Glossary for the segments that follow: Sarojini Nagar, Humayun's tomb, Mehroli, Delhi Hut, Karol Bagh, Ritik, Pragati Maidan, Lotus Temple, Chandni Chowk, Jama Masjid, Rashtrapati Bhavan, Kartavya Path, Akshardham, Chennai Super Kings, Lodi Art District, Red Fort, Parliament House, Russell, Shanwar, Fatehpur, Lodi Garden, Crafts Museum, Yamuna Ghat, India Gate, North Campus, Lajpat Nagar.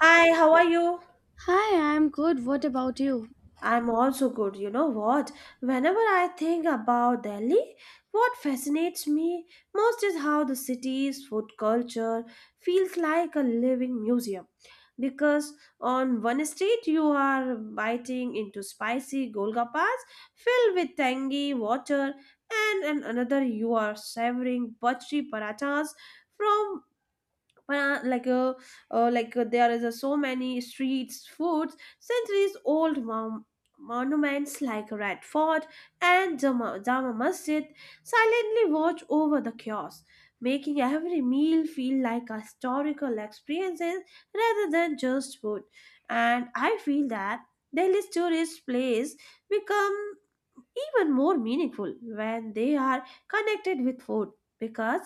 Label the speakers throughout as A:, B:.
A: Hi, how are you?
B: Hi, I'm good. What about you?
A: I'm also good. You know what? Whenever I think about Delhi, what fascinates me most is how the city's food culture feels like a living museum. Because on one street, you are biting into spicy golgappas filled with tangy water, and on another, you are savoring buttery parathas from. But, like there is So many streets, foods, centuries-old monuments like Red Fort and Jama Masjid silently watch over the chaos, making every meal feel like a historical experience rather than just food. And I feel that Delhi's tourist place become even more meaningful when they are connected with food, because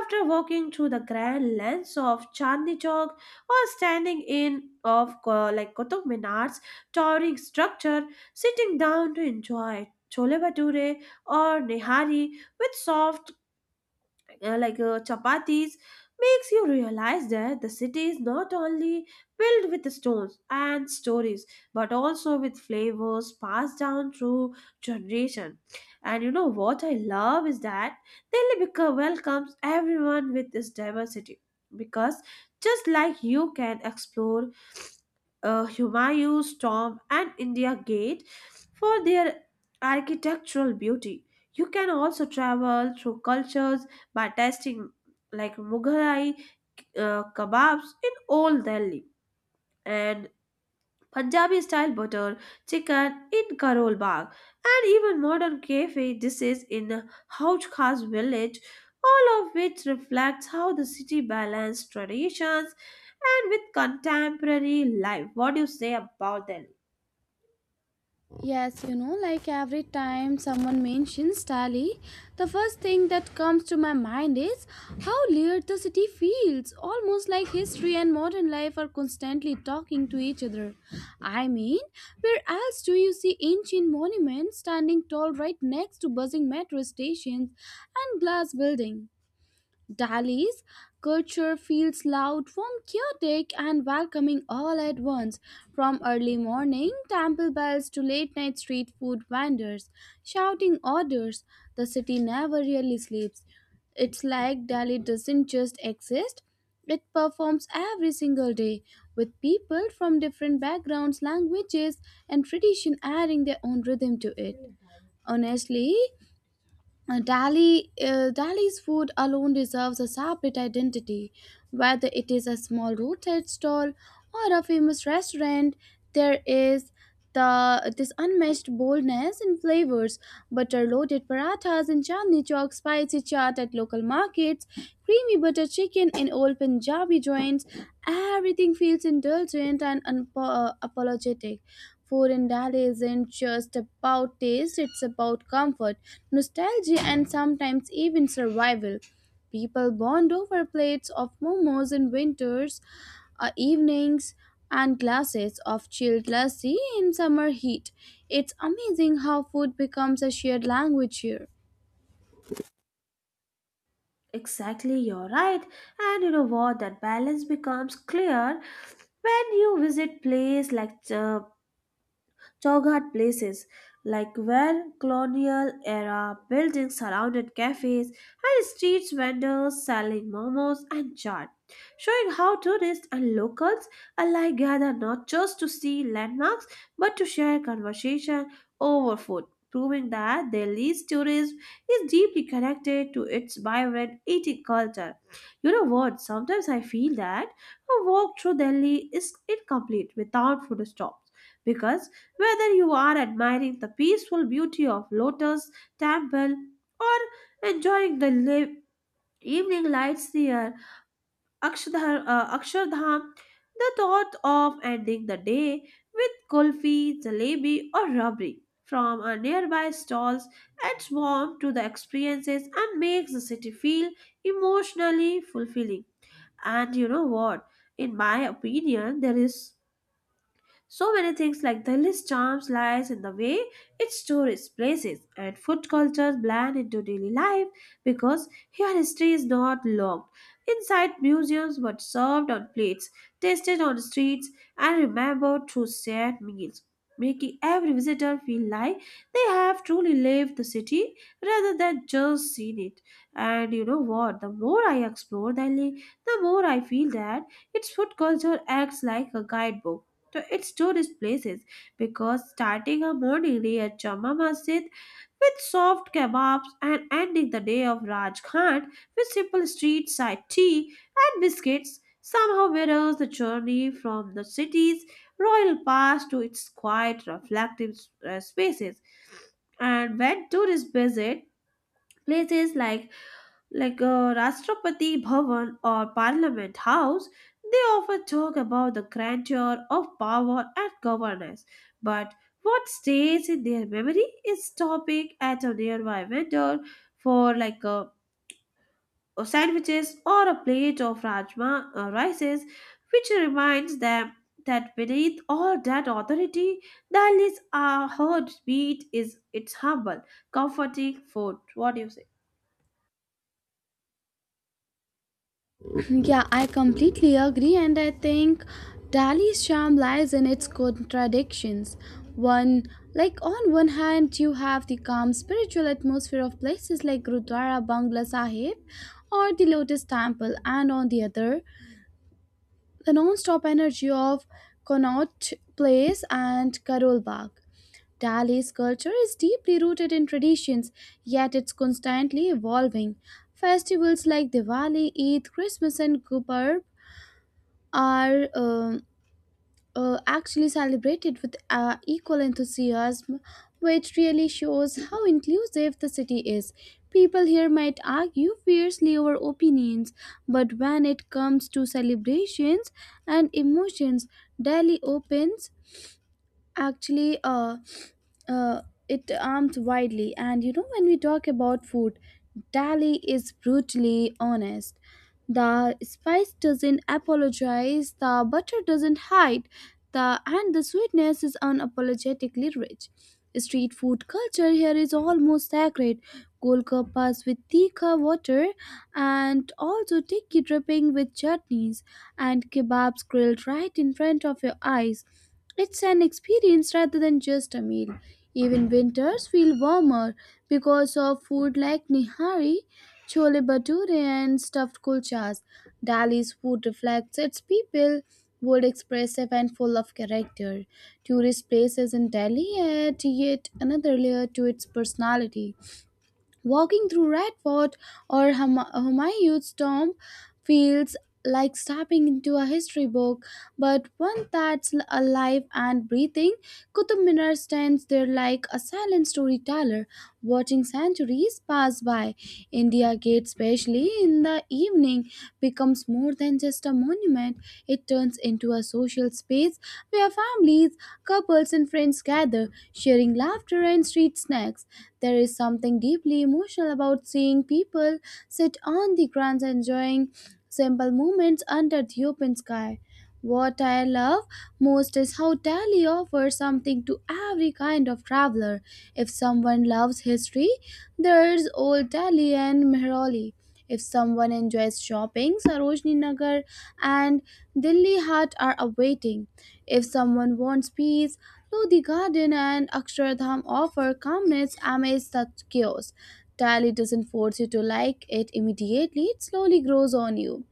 A: after walking through the grand lands of Chandni Chowk or standing in of Qutub Minar's towering structure, sitting down to enjoy chole bhature or nihari with soft chapatis makes you realize that the city is not only filled with stones and stories but also with flavors passed down through generation. And you know what I love is that Delhi welcomes everyone with this diversity, because just like you can explore Humayun's tomb and India Gate for their architectural beauty. You can also travel through cultures by tasting like Mughalai kebabs in Old Delhi and Punjabi style butter chicken in Karol Bagh and even modern cafe dishes in Hauj Khas village, all of which reflects how the city balanced traditions and with contemporary life. What do you say about Delhi?
B: Yes, you know, like every time someone mentions Delhi, the first thing that comes to my mind is how layered the city feels. Almost like history and modern life are constantly talking to each other. I mean, where else do you see ancient monuments standing tall right next to buzzing metro stations and glass buildings? Dali's culture feels loud, warm, chaotic, and welcoming all at once. From early morning temple bells to late night street food vendors shouting orders, the city never really sleeps. It's like Delhi doesn't just exist, it performs every single day, with people from different backgrounds, languages, and tradition adding their own rhythm to it. Honestly, Delhi's food alone deserves a separate identity. Whether it is a small roadside stall or a famous restaurant, there is the this unmatched boldness in flavors. Butter loaded parathas in Chandni Chowk, spicy chaat at local markets, creamy butter chicken in old Punjabi joints. Everything feels indulgent and unapologetic. Food in Delhi isn't just about taste, it's about comfort, nostalgia, and sometimes even survival. People bond over plates of momos in winters evenings and glasses of chilled lassi in summer heat. It's amazing how food becomes a shared language here.
A: Exactly, you're right. And you know what? That balance becomes clear when you visit place like Chowghat places, like where colonial era buildings surrounded cafes and street vendors selling momos and chaat, showing how tourists and locals alike gather not just to see landmarks but to share conversation over food, proving that Delhi's tourism is deeply connected to its vibrant eating culture. You know what? Sometimes I feel that a walk through Delhi is incomplete without food stops because whether you are admiring the peaceful beauty of Lotus Temple or enjoying the live evening lights near Akshardham, the thought of ending the day with kulfi, jalebi, or rabri from a nearby stalls adds warmth to the experiences and makes the city feel emotionally fulfilling. And you know what? In my opinion, there is so many things like Delhi's charms lies in the way its tourist places and food cultures blend into daily life, because here history is not locked inside museums but served on plates, tasted on streets, and remembered through shared meals, making every visitor feel like they have truly lived the city rather than just seen it. And you know what? The more I explore Delhi, the more I feel that its food culture acts like a guidebook to its tourist places, because starting her morning day at Jama Masjid with soft kebabs and ending the day of Raj Khan with simple street side tea and biscuits somehow mirrors the journey from the city's royal past to its quiet, reflective spaces. And when tourists visit places like Rashtrapati Bhavan or Parliament House, they often talk about the grandeur of power and governance. But what stays in their memory is stopping at a nearby vendor for a, sandwiches or a plate of rajma rices, which reminds them that beneath all that authority, Delhi's heartbeat is its humble, comforting food. What do you say?
B: Yeah, I completely agree, and I think Dali's charm lies in its contradictions. One, like on one hand, you have the calm spiritual atmosphere of places like Gurdwara Bangla Sahib or the Lotus Temple, and on the other, the non-stop energy of Connaught Place and Karol Bagh. Dali's culture is deeply rooted in traditions, yet it's constantly evolving. Festivals like Diwali, Eid, Christmas, and Gurpurb are actually celebrated with equal enthusiasm, which really shows how inclusive the city is. People here might argue fiercely over opinions, but when it comes to celebrations and emotions, Delhi opens actually uh, it arms widely. And you know, when we talk about food, Dali is brutally honest. The spice doesn't apologize, the butter doesn't hide, the and the sweetness is unapologetically rich. Street food culture here is almost sacred. Golgappas with tikka water and also tikki dripping with chutneys and kebabs grilled right in front of your eyes. It's an experience rather than just a meal. Even winters feel warmer because of food like nihari, chole bhature, and stuffed kulchas. Delhi's food reflects its people, bold, expressive, and full of character. Tourist places in Delhi add yet another layer to its personality. Walking through Radford or Humayun's tomb feels like stepping into a history book, but one that's alive and breathing. Qutb Minar stands there like a silent storyteller, watching centuries pass by. India Gate, especially in the evening, becomes more than just a monument. It turns into a social space where families, couples, and friends gather, sharing laughter and street snacks. There is something deeply emotional about seeing people sit on the grounds enjoying simple moments under the open sky. What I love most is how Delhi offers something to every kind of traveler. If someone loves history, there's Old Delhi and Mehrauli. If someone enjoys shopping, Sarojini Nagar and Delhi Hat are awaiting. If someone wants peace, Lodi Garden and Akshardham offer calmness amidst such chaos. Delhi doesn't force you to like it immediately, it slowly grows on you.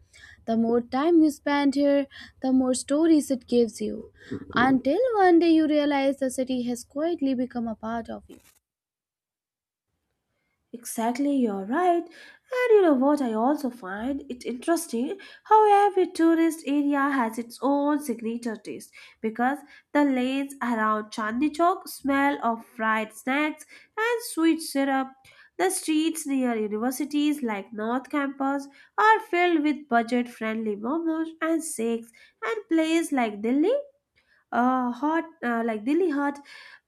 B: The more time you spend here, the more stories it gives you, until one day you realize the city has quietly become a part of you.
A: Exactly, you're right. And you know what, I also find it interesting how every tourist area has its own signature taste, because the lanes around Chandni Chowk smell of fried snacks and sweet syrup. The streets near universities like North Campus are filled with budget friendly momos and shakes, and places like Delhi. Hot like Delhi Hut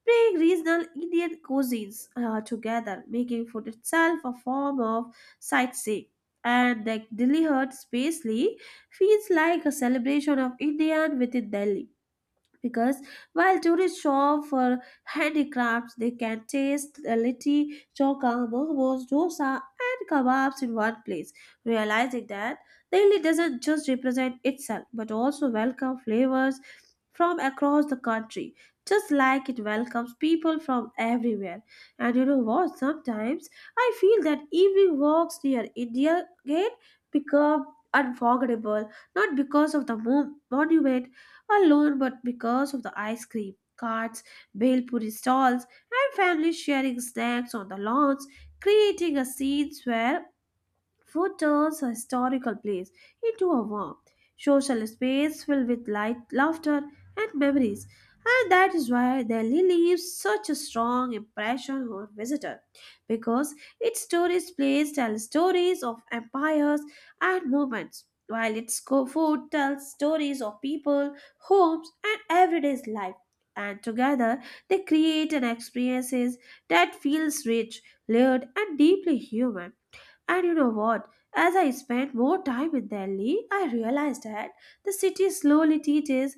A: bring regional Indian cuisines together, making food itself a form of sightseeing. And the Delhi Hut Spacely feels like a celebration of Indian within Delhi, because while tourists shop for handicrafts, they can taste the litti, choka, momos, dosa, and kebabs in one place, realizing that Delhi doesn't just represent itself but also welcome flavors from across the country, just like it welcomes people from everywhere. And you know what? Sometimes I feel that evening walks near India Gate become unforgettable not because of the monument alone, but because of the ice cream carts, bhelpuri stalls, and families sharing snacks on the lawns, creating a scene where food turns a historical place into a warm, social space filled with light, laughter, and memories, and that is why Delhi leaves such a strong impression on visitor, because its tourist place tell stories of empires and movements, while its food tells stories of people, homes, and everyday life. And together, they create an experiences that feels rich, layered, and deeply human. And you know what? As I spent more time in Delhi, I realized that the city slowly teaches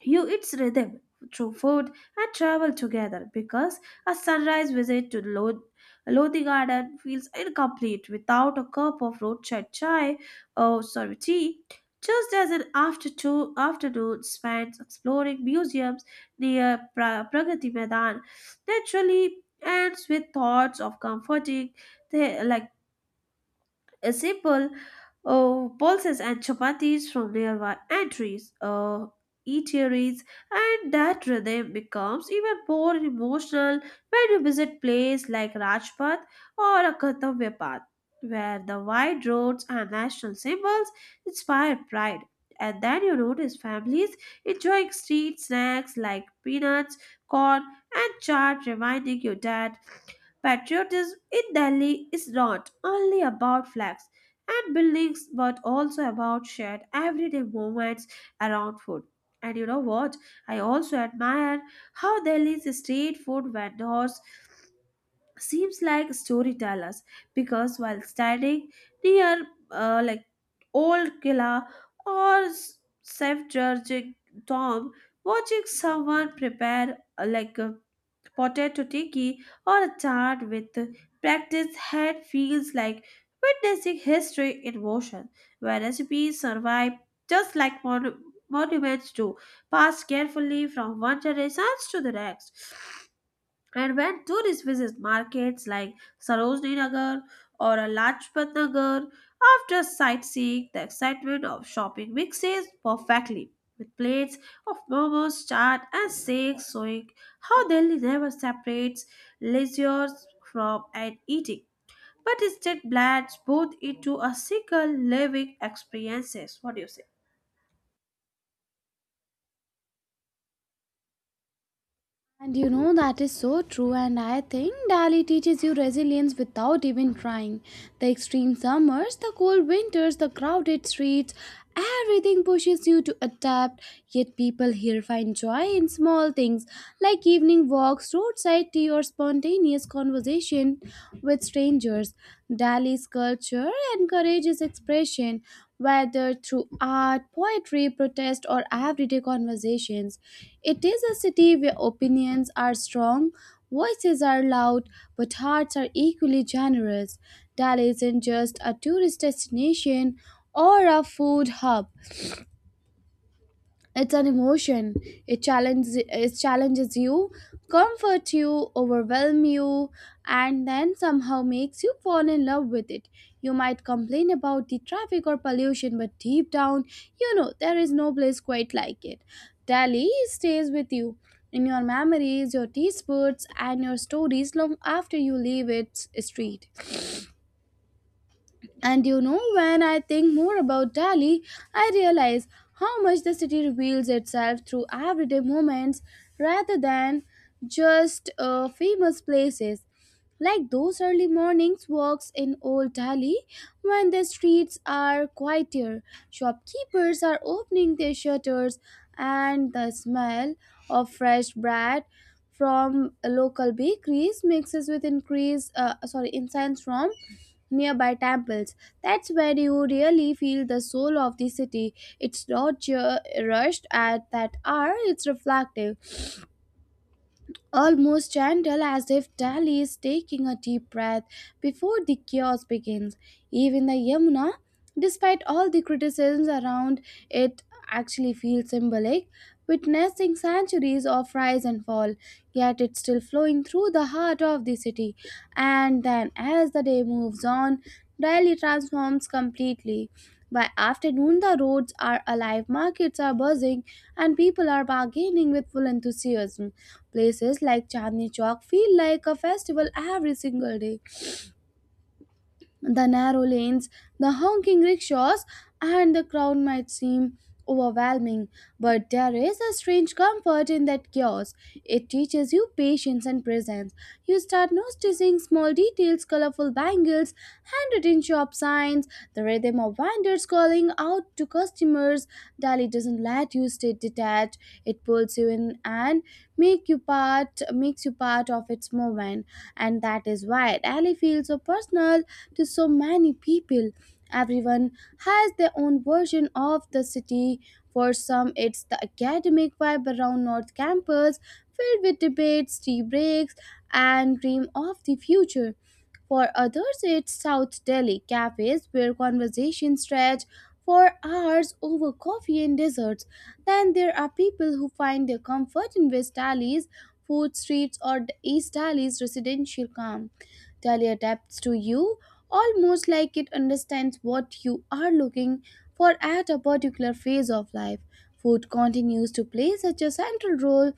A: you its rhythm through food and travel together, because a sunrise visit to Lodi Garden feels incomplete without a cup of roadside chai or sorry, tea. Just as an afternoon spent exploring museums near Pragati Maidan naturally ends with thoughts of comforting, the, like a simple. Oh, pulses and chapatis from nearby entries. Oh, eateries, and that rhythm becomes even more emotional when you visit places like Rajpath or a Kartavya Path, where the wide roads and national symbols inspire pride. And then you notice families enjoying street snacks like peanuts, corn, and chaat, reminding you that patriotism in Delhi is not only about flags and buildings but also about shared everyday moments around food. And you know what? I also admire how Delhi's street food vendors seems like storytellers, because while standing near old Killa or Safe Georgic Tom, watching someone prepare a potato tiki, or a chart with practiced head feels like witnessing history in motion, where recipes survive just like monuments do, passed carefully from one generation to the next. And when tourists visit markets like Sarojini Nagar or Lajpat Nagar, after sightseeing, the excitement of shopping mixes perfectly with plates of momos, chaat, and shakes, showing how Delhi never separates leisure from an eating, but instead blends both into a single living experiences. What do you say?
B: And you know, that is so true, and I think Delhi teaches you resilience without even trying. The extreme summers, the cold winters, the crowded streets, everything pushes you to adapt. Yet people here find joy in small things like evening walks, roadside tea, or spontaneous conversation with strangers. Delhi's culture encourages expression, whether through art, poetry, protest, or everyday conversations. It is a city where opinions are strong, voices are loud, but hearts are equally generous. Delhi isn't just a tourist destination or a food hub, it's an emotion. It challenges you, comforts you, overwhelms you, and then somehow makes you fall in love with it. You might complain about the traffic or pollution, but deep down you know there is no place quite like it. Delhi stays with you, in your memories, your taste buds, and your stories long after you leave its street. And you know, when I think more about Delhi, I realize how much the city reveals itself through everyday moments rather than just famous places. Like those early mornings walks in old Delhi when the streets are quieter, shopkeepers are opening their shutters, and the smell of fresh bread from local bakeries mixes with increase sorry incense from nearby temples. That's where you really feel the soul of the city. It's not rushed at that hour, it's reflective, almost gentle, as if Delhi is taking a deep breath before the chaos begins. Even the Yamuna, despite all the criticisms around it, actually feels symbolic, witnessing centuries of rise and fall, yet it's still flowing through the heart of the city. And then, as the day moves on, Delhi transforms completely. By afternoon, the roads are alive, markets are buzzing, and people are bargaining with full enthusiasm. Places like Chandni Chowk feel like a festival every single day. The narrow lanes, the honking rickshaws, and the crowd might seem overwhelming, but there is a strange comfort in that chaos. It teaches you patience and presence. You start noticing small details, colorful bangles, handwritten shop signs, the rhythm of vendors calling out to customers. Delhi doesn't let you stay detached, that it pulls you in and makes you part of its movement. And that is why rally feels so personal to so many people. Everyone has their own version of the city. For some it's the academic vibe around north campus, filled with debates, tea breaks, and dream of the future. For others, it's South Delhi cafes where conversations stretch for hours over coffee and desserts. Then there are people who find their comfort in West Delhi's food streets or the East Delhi's residential calm. Delhi adapts to you, almost like it understands what you are looking for at a particular phase of life. Food continues to play such a central role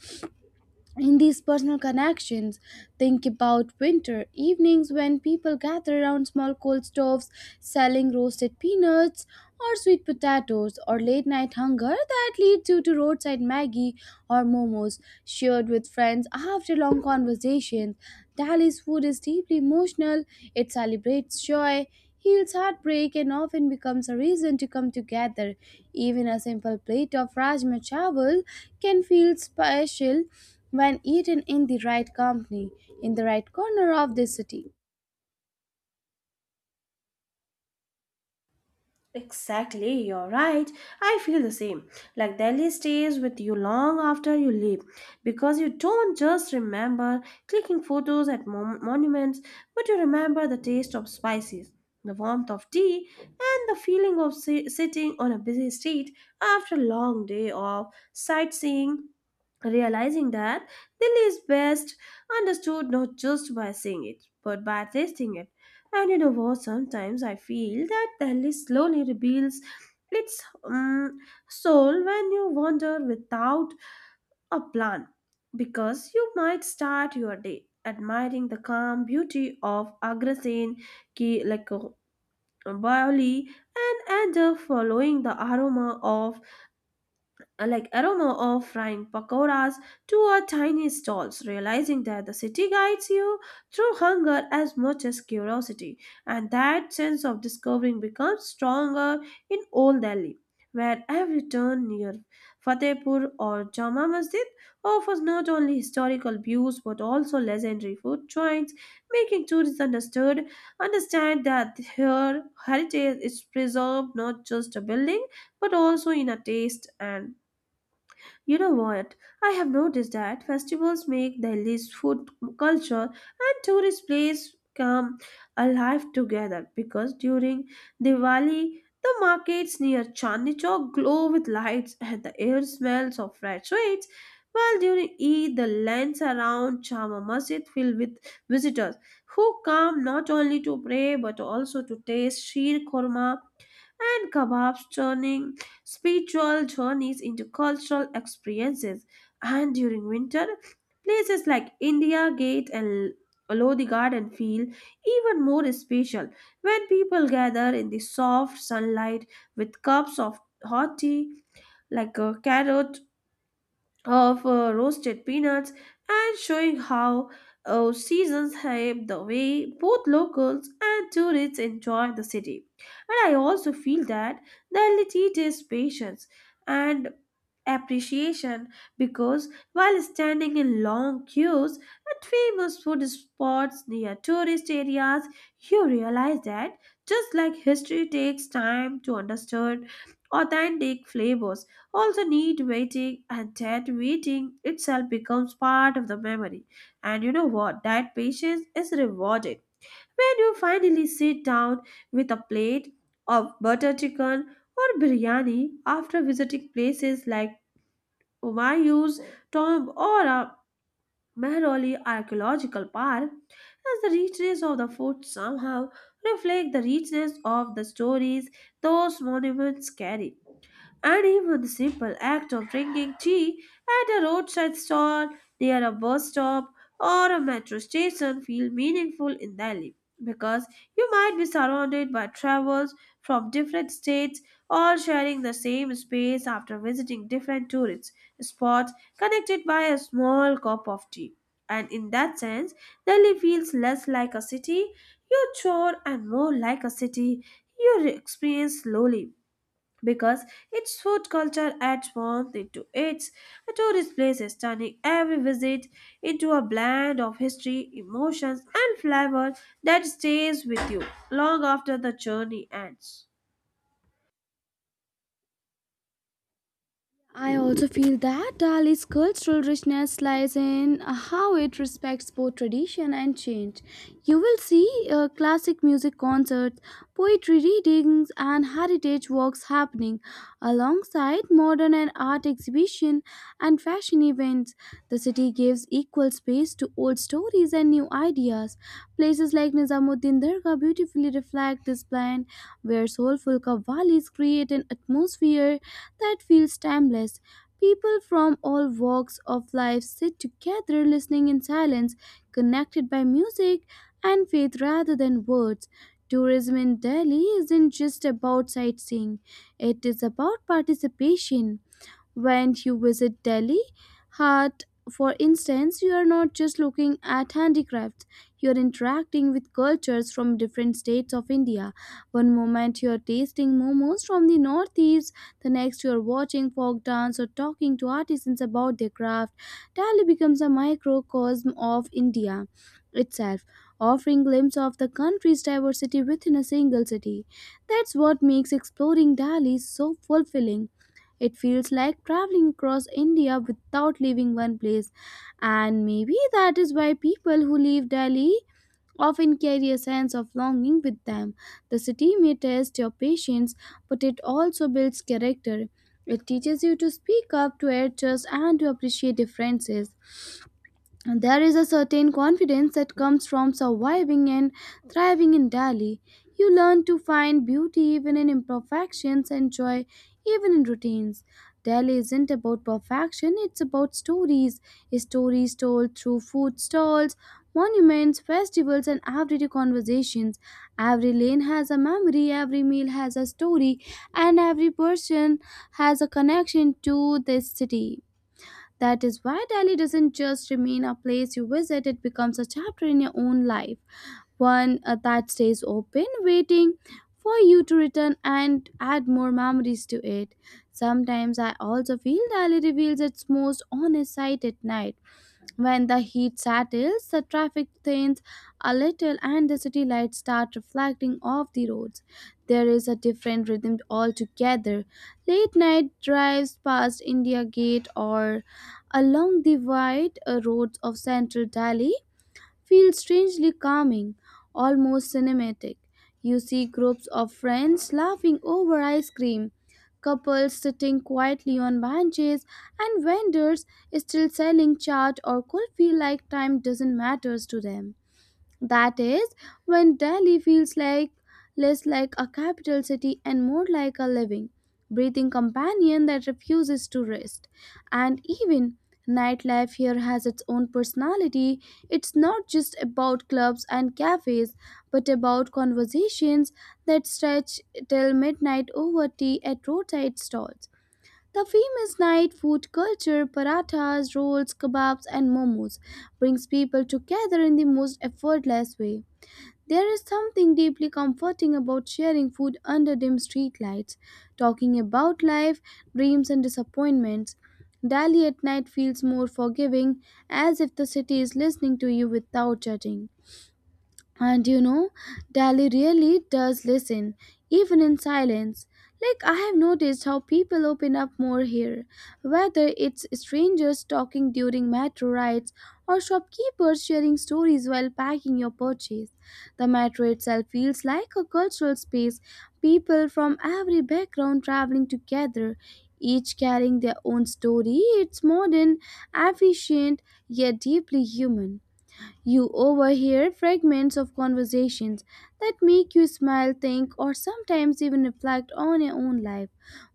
B: in these personal connections. Think about winter evenings when people gather around small coal stoves selling roasted peanuts or sweet potatoes, or late night hunger that leads you to roadside maggie or momos shared with friends after long conversations. Dali's food is deeply emotional, it celebrates joy, heals heartbreak, and often becomes a reason to come together. Even a simple plate of rajma chawal can feel special when eaten in the right company, in the right corner of the city.
A: Exactly, you're right. I feel the same. Like Delhi stays with you long after you leave, because you don't just remember clicking photos at monuments, but you remember the taste of spices, the warmth of tea, and the feeling of sitting on a busy street after a long day of sightseeing, realizing that Delhi is best understood not just by seeing it, but by tasting it. And you know what? Sometimes I feel that Delhi slowly reveals its soul when you wander without a plan, because you might start your day admiring the calm beauty of Agra Ki Baoli and end up following the aroma of frying pakoras to a tiny stalls, realizing that the city guides you through hunger as much as curiosity, and that sense of discovering becomes stronger in Old Delhi, where every turn near Fatehpur or Jama Masjid offers not only historical views but also legendary food joints, making tourists understood understand that here heritage is preserved not just a building but also in a taste. And you know what? I have noticed that festivals make Delhi's food culture and tourist place come alive together, because during Diwali, the markets near Chandni Chowk glow with lights and the air smells of fresh sweets, while during Eid, the lands around Jama Masjid fill with visitors who come not only to pray but also to taste sheer korma and kebabs churning spiritual journeys into cultural experiences. And during winter, places like India Gate and Lodi Garden feel even more special when people gather in the soft sunlight with cups of hot tea, like a carrot of roasted peanuts and showing how seasons shape the way both locals and tourists enjoy the city. And I also feel that the Delhi teaches patience and appreciation, because while standing in long queues at famous food spots near tourist areas, you realize that just like history takes time to understand authentic flavors also, need waiting and that waiting itself becomes part of the memory. And you know what? That patience is rewarded when you finally sit down with a plate of butter chicken or biryani after visiting places like Humayun's tomb or a Mehroli archaeological park, as the richness of the food somehow reflect the richness of the stories those monuments carry. And even the simple act of drinking tea at a roadside stall near a bus stop or a metro station feel meaningful in Delhi, because you might be surrounded by travelers from different states all sharing the same space after visiting different tourist spots connected by a small cup of tea. And in that sense, Delhi feels less like a city you tour and more like a city you experience slowly because its food culture adds warmth into its a tourist places, turning every visit into a blend of history, emotions, and flavor that stays with you long after the journey ends.
B: I also feel that Dali's cultural richness lies in how it respects both tradition and change. You will see classic music concerts, poetry readings, and heritage walks happening alongside modern and art exhibition and fashion events. The city gives equal space to old stories and new ideas. Places like Nizamuddin Dargah beautifully reflect this blend, where soulful qawwali's create an atmosphere that feels timeless. People from all walks of life sit together listening in silence, connected by music and faith rather than words. Tourism in Delhi isn't just about sightseeing, it is about participation. When you visit Delhi Heart, for instance, you are not just looking at handicrafts, you are interacting with cultures from different states of India. One moment you are tasting momos from the northeast, the next you are watching folk dance or talking to artisans about their craft. Delhi becomes a microcosm of India itself, offering glimpse of the country's diversity within a single city. That's what makes exploring Delhi so fulfilling. It feels like traveling across India without leaving one place, and maybe that is why people who leave Delhi often carry a sense of longing with them. The city may test your patience, but it also builds character. It teaches you to speak up, to adjust, and to appreciate differences. And there is a certain confidence that comes from surviving and thriving in Delhi. You learn to find beauty even in imperfections and joy even in routines. Delhi isn't about perfection, it's about stories. Stories told through food stalls, monuments, festivals, and everyday conversations. Every lane has a memory, every meal has a story, and every person has a connection to this city. That is why Delhi doesn't just remain a place you visit, it becomes a chapter in your own life, one that stays open, waiting for you to return and add more memories to it. Sometimes I also feel Delhi reveals its most honest side at night, when the heat settles, the traffic thins a little, and the city lights start reflecting off the roads. There is a different rhythm altogether. Late night drives past India Gate or along the wide roads of central Delhi feel strangely calming, almost cinematic. You see groups of friends laughing over ice cream, couples sitting quietly on benches, and vendors still selling chaat or kulfi like time doesn't matter to them. That is when Delhi feels like less like a capital city and more like a living, breathing companion that refuses to rest. And even nightlife here has its own personality. It's not just about clubs and cafes, but about conversations that stretch till midnight over tea at roadside stalls. The famous night food culture, parathas, rolls, kebabs, and momos, brings people together in the most effortless way. There is something deeply comforting about sharing food under dim streetlights, talking about life, dreams, and disappointments. Delhi at night feels more forgiving, as if the city is listening to you without judging. And you know, Dali really does listen, even in silence. Like, I have noticed how people open up more here, whether it's strangers talking during metro rides or shopkeepers sharing stories while packing your purchase. The metro itself feels like a cultural space, people from every background traveling together, each carrying their own story. It's modern, efficient, yet deeply human. You overhear fragments of conversations that make you smile, think, or sometimes even reflect on your own life.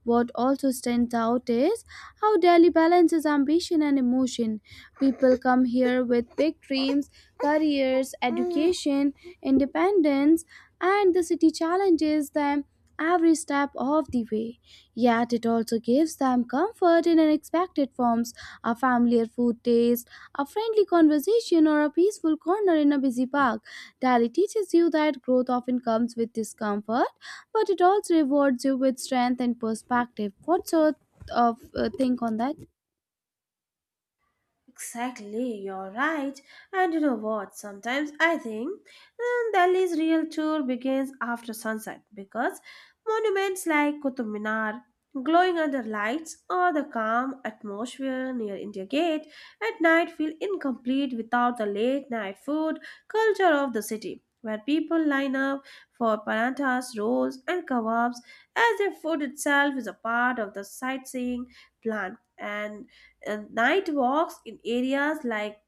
B: What also stands out is how Delhi balances ambition and emotion. People come here with big dreams, careers, education, independence, and the city challenges them every step of the way. Yet it also gives them comfort in unexpected forms, a familiar food taste, a friendly conversation, or a peaceful corner in a busy park. Delhi teaches you that growth often comes with discomfort, but it also rewards you with strength and perspective. What's your uh, think on that?
A: Exactly, you're right. And you know what? Sometimes I think Delhi's real tour begins after sunset because monuments like Qutub Minar, glowing under lights, or the calm atmosphere near India Gate at night feel incomplete without the late night food culture of the city, where people line up for parathas, rolls, and kebabs as their food itself is a part of the sightseeing plan. And night walks in areas like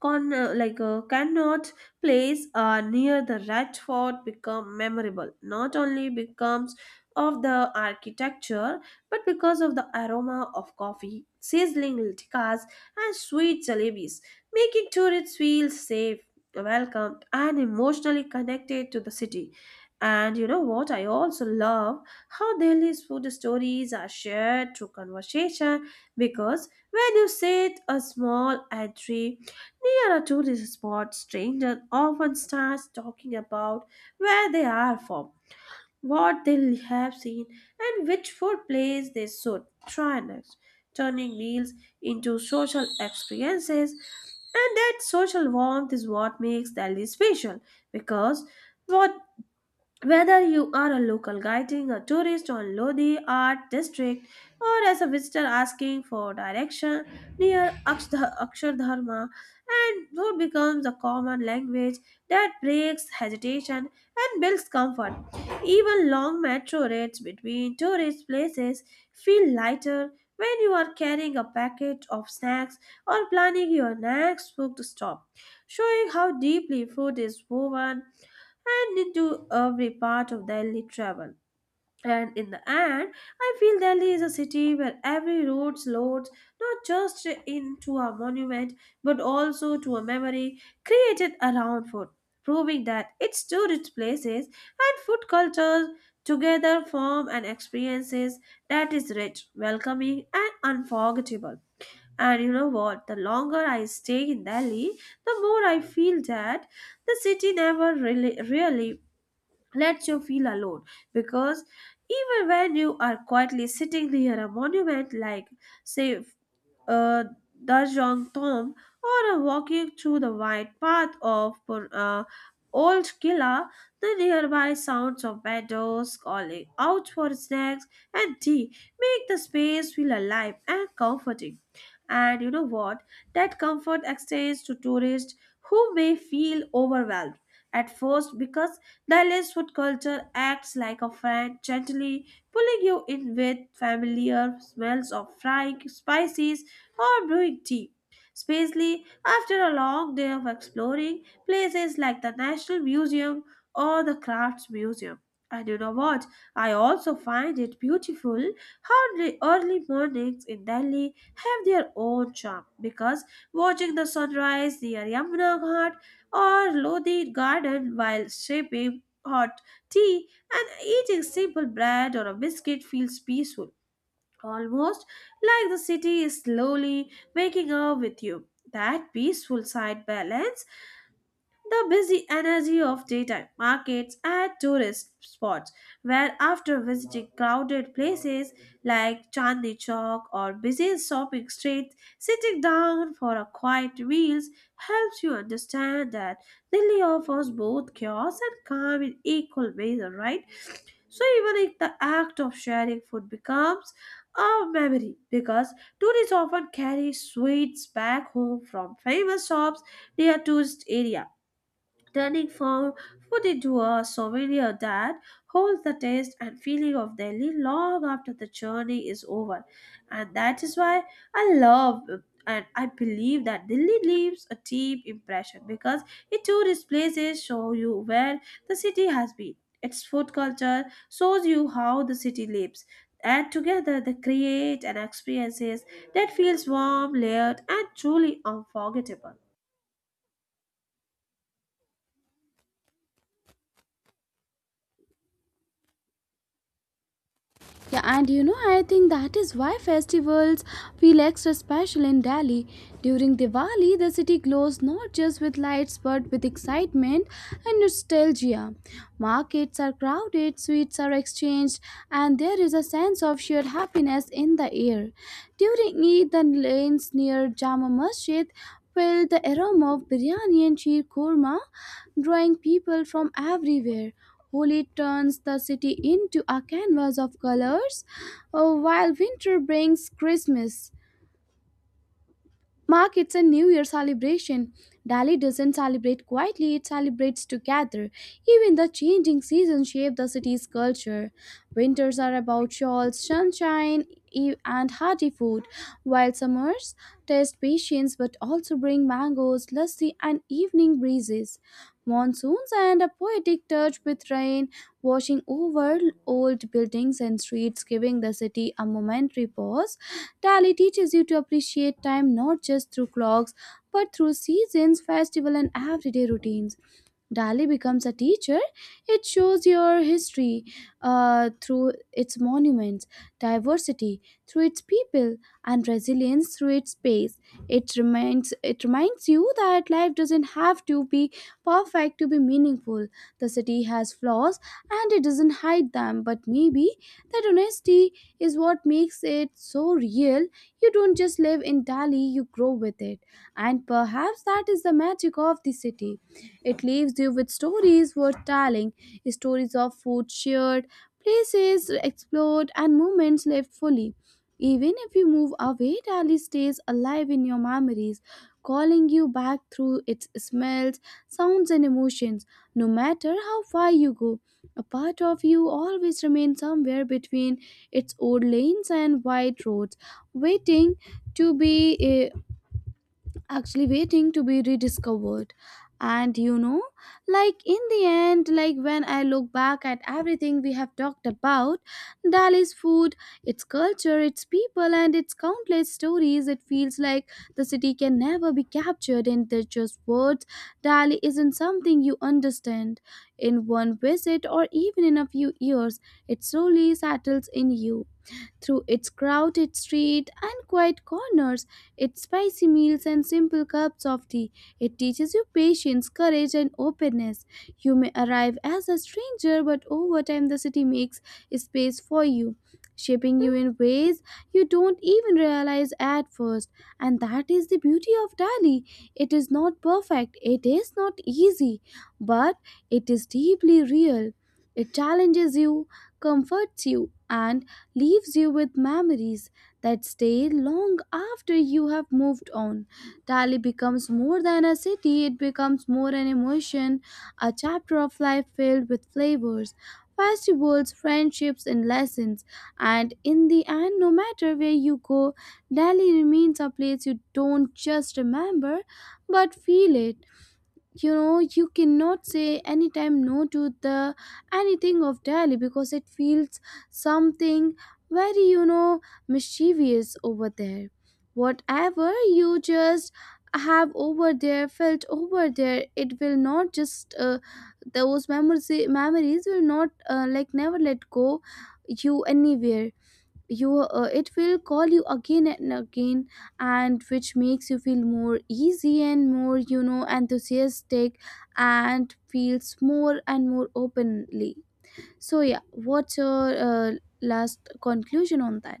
A: con like cannot place near the Red Fort become memorable not only because of the architecture but because of the aroma of coffee, sizzling tikkas, and sweet jalebis making tourists feel safe, welcomed, and emotionally connected to the city. And you know what? I also love how Delhi's food stories are shared through conversation, because when you sit a small entry near a tourist spot, stranger often starts talking about where they are from, what they have seen, and which food place they should try next, turning meals into social experiences. And that social warmth is what makes Delhi special, because what whether you are a local guiding a tourist on Lodi Art District or as a visitor asking for direction near Akshardharma, and food becomes a common language that breaks hesitation and builds comfort. Even long metro rides between tourist places feel lighter when you are carrying a packet of snacks or planning your next food stop, showing how deeply food is woven and into every part of Delhi travel. And in the end, I feel Delhi is a city where every road slots not just into a monument but also to a memory created around food, proving that its tourist places and food cultures together form an experiences that is rich, welcoming, and unforgettable. And you know what? The longer I stay in Delhi, the more I feel that the city never really lets you feel alone because even when you are quietly sitting near a monument like say uh, Darjong Tom or a walking through the wide path of Old Killa, the nearby sounds of meadows calling out for snacks and tea make the space feel alive and comforting. And you know what? That comfort extends to tourists who may feel overwhelmed at first because Dallas food culture acts like a friend, gently pulling you in with familiar smells of frying spices or brewing tea. Spacely, after a long day of exploring places like the National Museum or the Crafts Museum. And you know what? I also find it beautiful how the early mornings in Delhi have their own charm because watching the sunrise near Yamuna Ghat or Lodi Garden while sipping hot tea and eating simple bread or a biscuit feels peaceful, almost like the city is slowly waking up with you. That peaceful side balance the busy energy of daytime markets and tourist spots, where after visiting crowded places like Chandni Chowk or busy shopping streets, sitting down for a quiet meal helps you understand that Delhi offers both chaos and calm in equal measure, right? So even if the act of sharing food becomes a memory, because tourists often carry sweets back home from famous shops near tourist area, turning for food into a souvenir that holds the taste and feeling of Delhi long after the journey is over. And that is why I love and I believe that Delhi leaves a deep impression because it tourist places show you where the city has been. Its food culture shows you how the city lives. And together they create an experiences that feels warm, layered, and truly unforgettable.
B: Yeah, and you know, I think that is why festivals feel extra special in Delhi. During Diwali, the city glows not just with lights but with excitement and nostalgia. Markets are crowded, sweets are exchanged, and there is a sense of shared happiness in the air. During Eid, the lanes near Jama Masjid with the aroma of biryani and sheer korma drawing people from everywhere. Holi turns the city into a canvas of colors, while winter brings Christmas. Mark, it's a New Year celebration. Delhi doesn't celebrate quietly, it celebrates together. Even the changing seasons shape the city's culture. Winters are about shawls, sunshine, and hearty food, while summers test patience but also bring mangoes, lassi, and evening breezes. Monsoons and a poetic touch with rain washing over old buildings and streets, giving the city a momentary pause. Tally teaches you to appreciate time not just through clocks but through seasons, festival and everyday routines. Dali becomes a teacher. It shows your history through its monuments, diversity through its people, and resilience through its pace. It reminds you that life doesn't have to be perfect to be meaningful. The city has flaws, and it doesn't hide them. But maybe that honesty is what makes it so real. You don't just live in Dali; you grow with it, and perhaps that is the magic of the city. It leaves you with stories worth telling, stories of food shared, places explored, and moments lived fully. Even if you move away, Delhi stays alive in your memories, calling you back through its smells, sounds, and emotions. No matter how far you go, a part of you always remains somewhere between its old lanes and wide roads, waiting to actually waiting to be rediscovered. And you know, like, in the end, like, when I look back at everything we have talked about, Dali's food, its culture, its people and its countless stories, it feels like the city can never be captured in the just words. Dali isn't something you understand in one visit or even in a few years. It slowly settles in you through its crowded street and quiet corners, its spicy meals and simple cups of tea. It teaches you patience, courage, and openness. You may arrive as a stranger, but over time the city makes space for you, shaping you in ways you don't even realize at first. And that is the beauty of Delhi. It is not perfect, it is not easy, but it is deeply real. It challenges you, comforts you, and leaves you with memories that stay long after you have moved on. Delhi becomes more than a city, it becomes more an emotion, a chapter of life filled with flavors, festivals, friendships, and lessons. And in the end, no matter where you go, Delhi remains a place you don't just remember but feel it. You know, you cannot say anytime no to the anything of Delhi, because it feels something very, you know, mischievous over there. Whatever you just have over there, felt over there, it will not just those memories will not like never let go you anywhere. You it will call you again and again, and which makes you feel more easy and more, you know, enthusiastic, and feels more and more openly. So yeah, what's your last conclusion on that?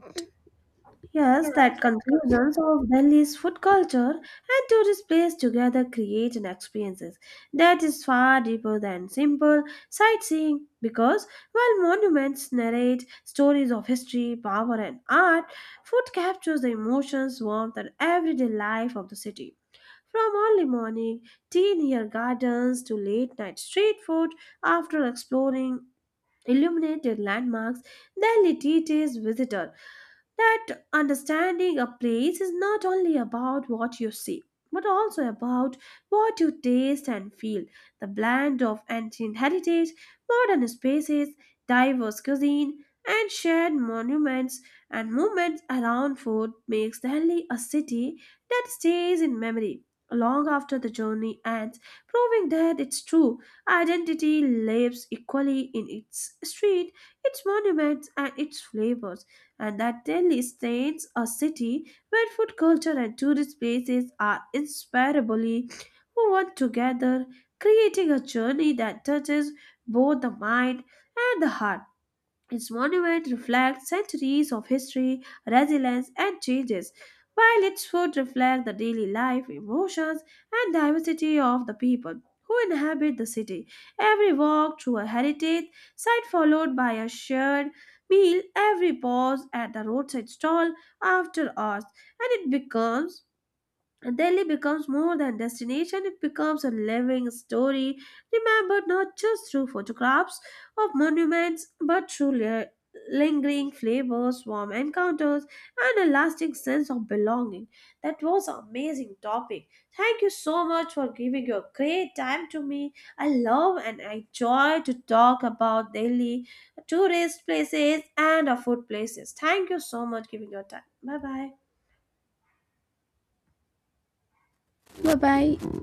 A: Yes, that conclusions of Delhi's food culture and tourist place together create an experiences that is far deeper than simple sightseeing, because while monuments narrate stories of history, power, and art, food captures the emotions, warmth, and everyday life of the city. From early morning tea near gardens to late night street food after exploring illuminated landmarks, Delhi teaches visitors that understanding a place is not only about what you see but also about what you taste and feel. The blend of ancient heritage, modern spaces, diverse cuisine, and shared monuments and movements around food makes Delhi a city that stays in memory long after the journey ends, proving that its true identity lives equally in its street, its monuments, and its flavors, and that Delhi stands a city where food culture and tourist places are inseparably woven together, creating a journey that touches both the mind and the heart. Its monument reflects centuries of history, resilience, and changes, while its food reflects the daily life, emotions, and diversity of the people who inhabit the city. Every walk through a heritage site followed by a shared meal, every pause at the roadside stall after hours, and it becomes Delhi becomes more than destination, it becomes a living story, remembered not just through photographs of monuments, but through lingering flavors, warm encounters, and a lasting sense of belonging. That was an amazing topic. Thank you so much for giving your great time to me. I love and enjoy to talk about Delhi tourist places and our food places. Thank you so much giving your time. Bye bye.
B: Bye bye.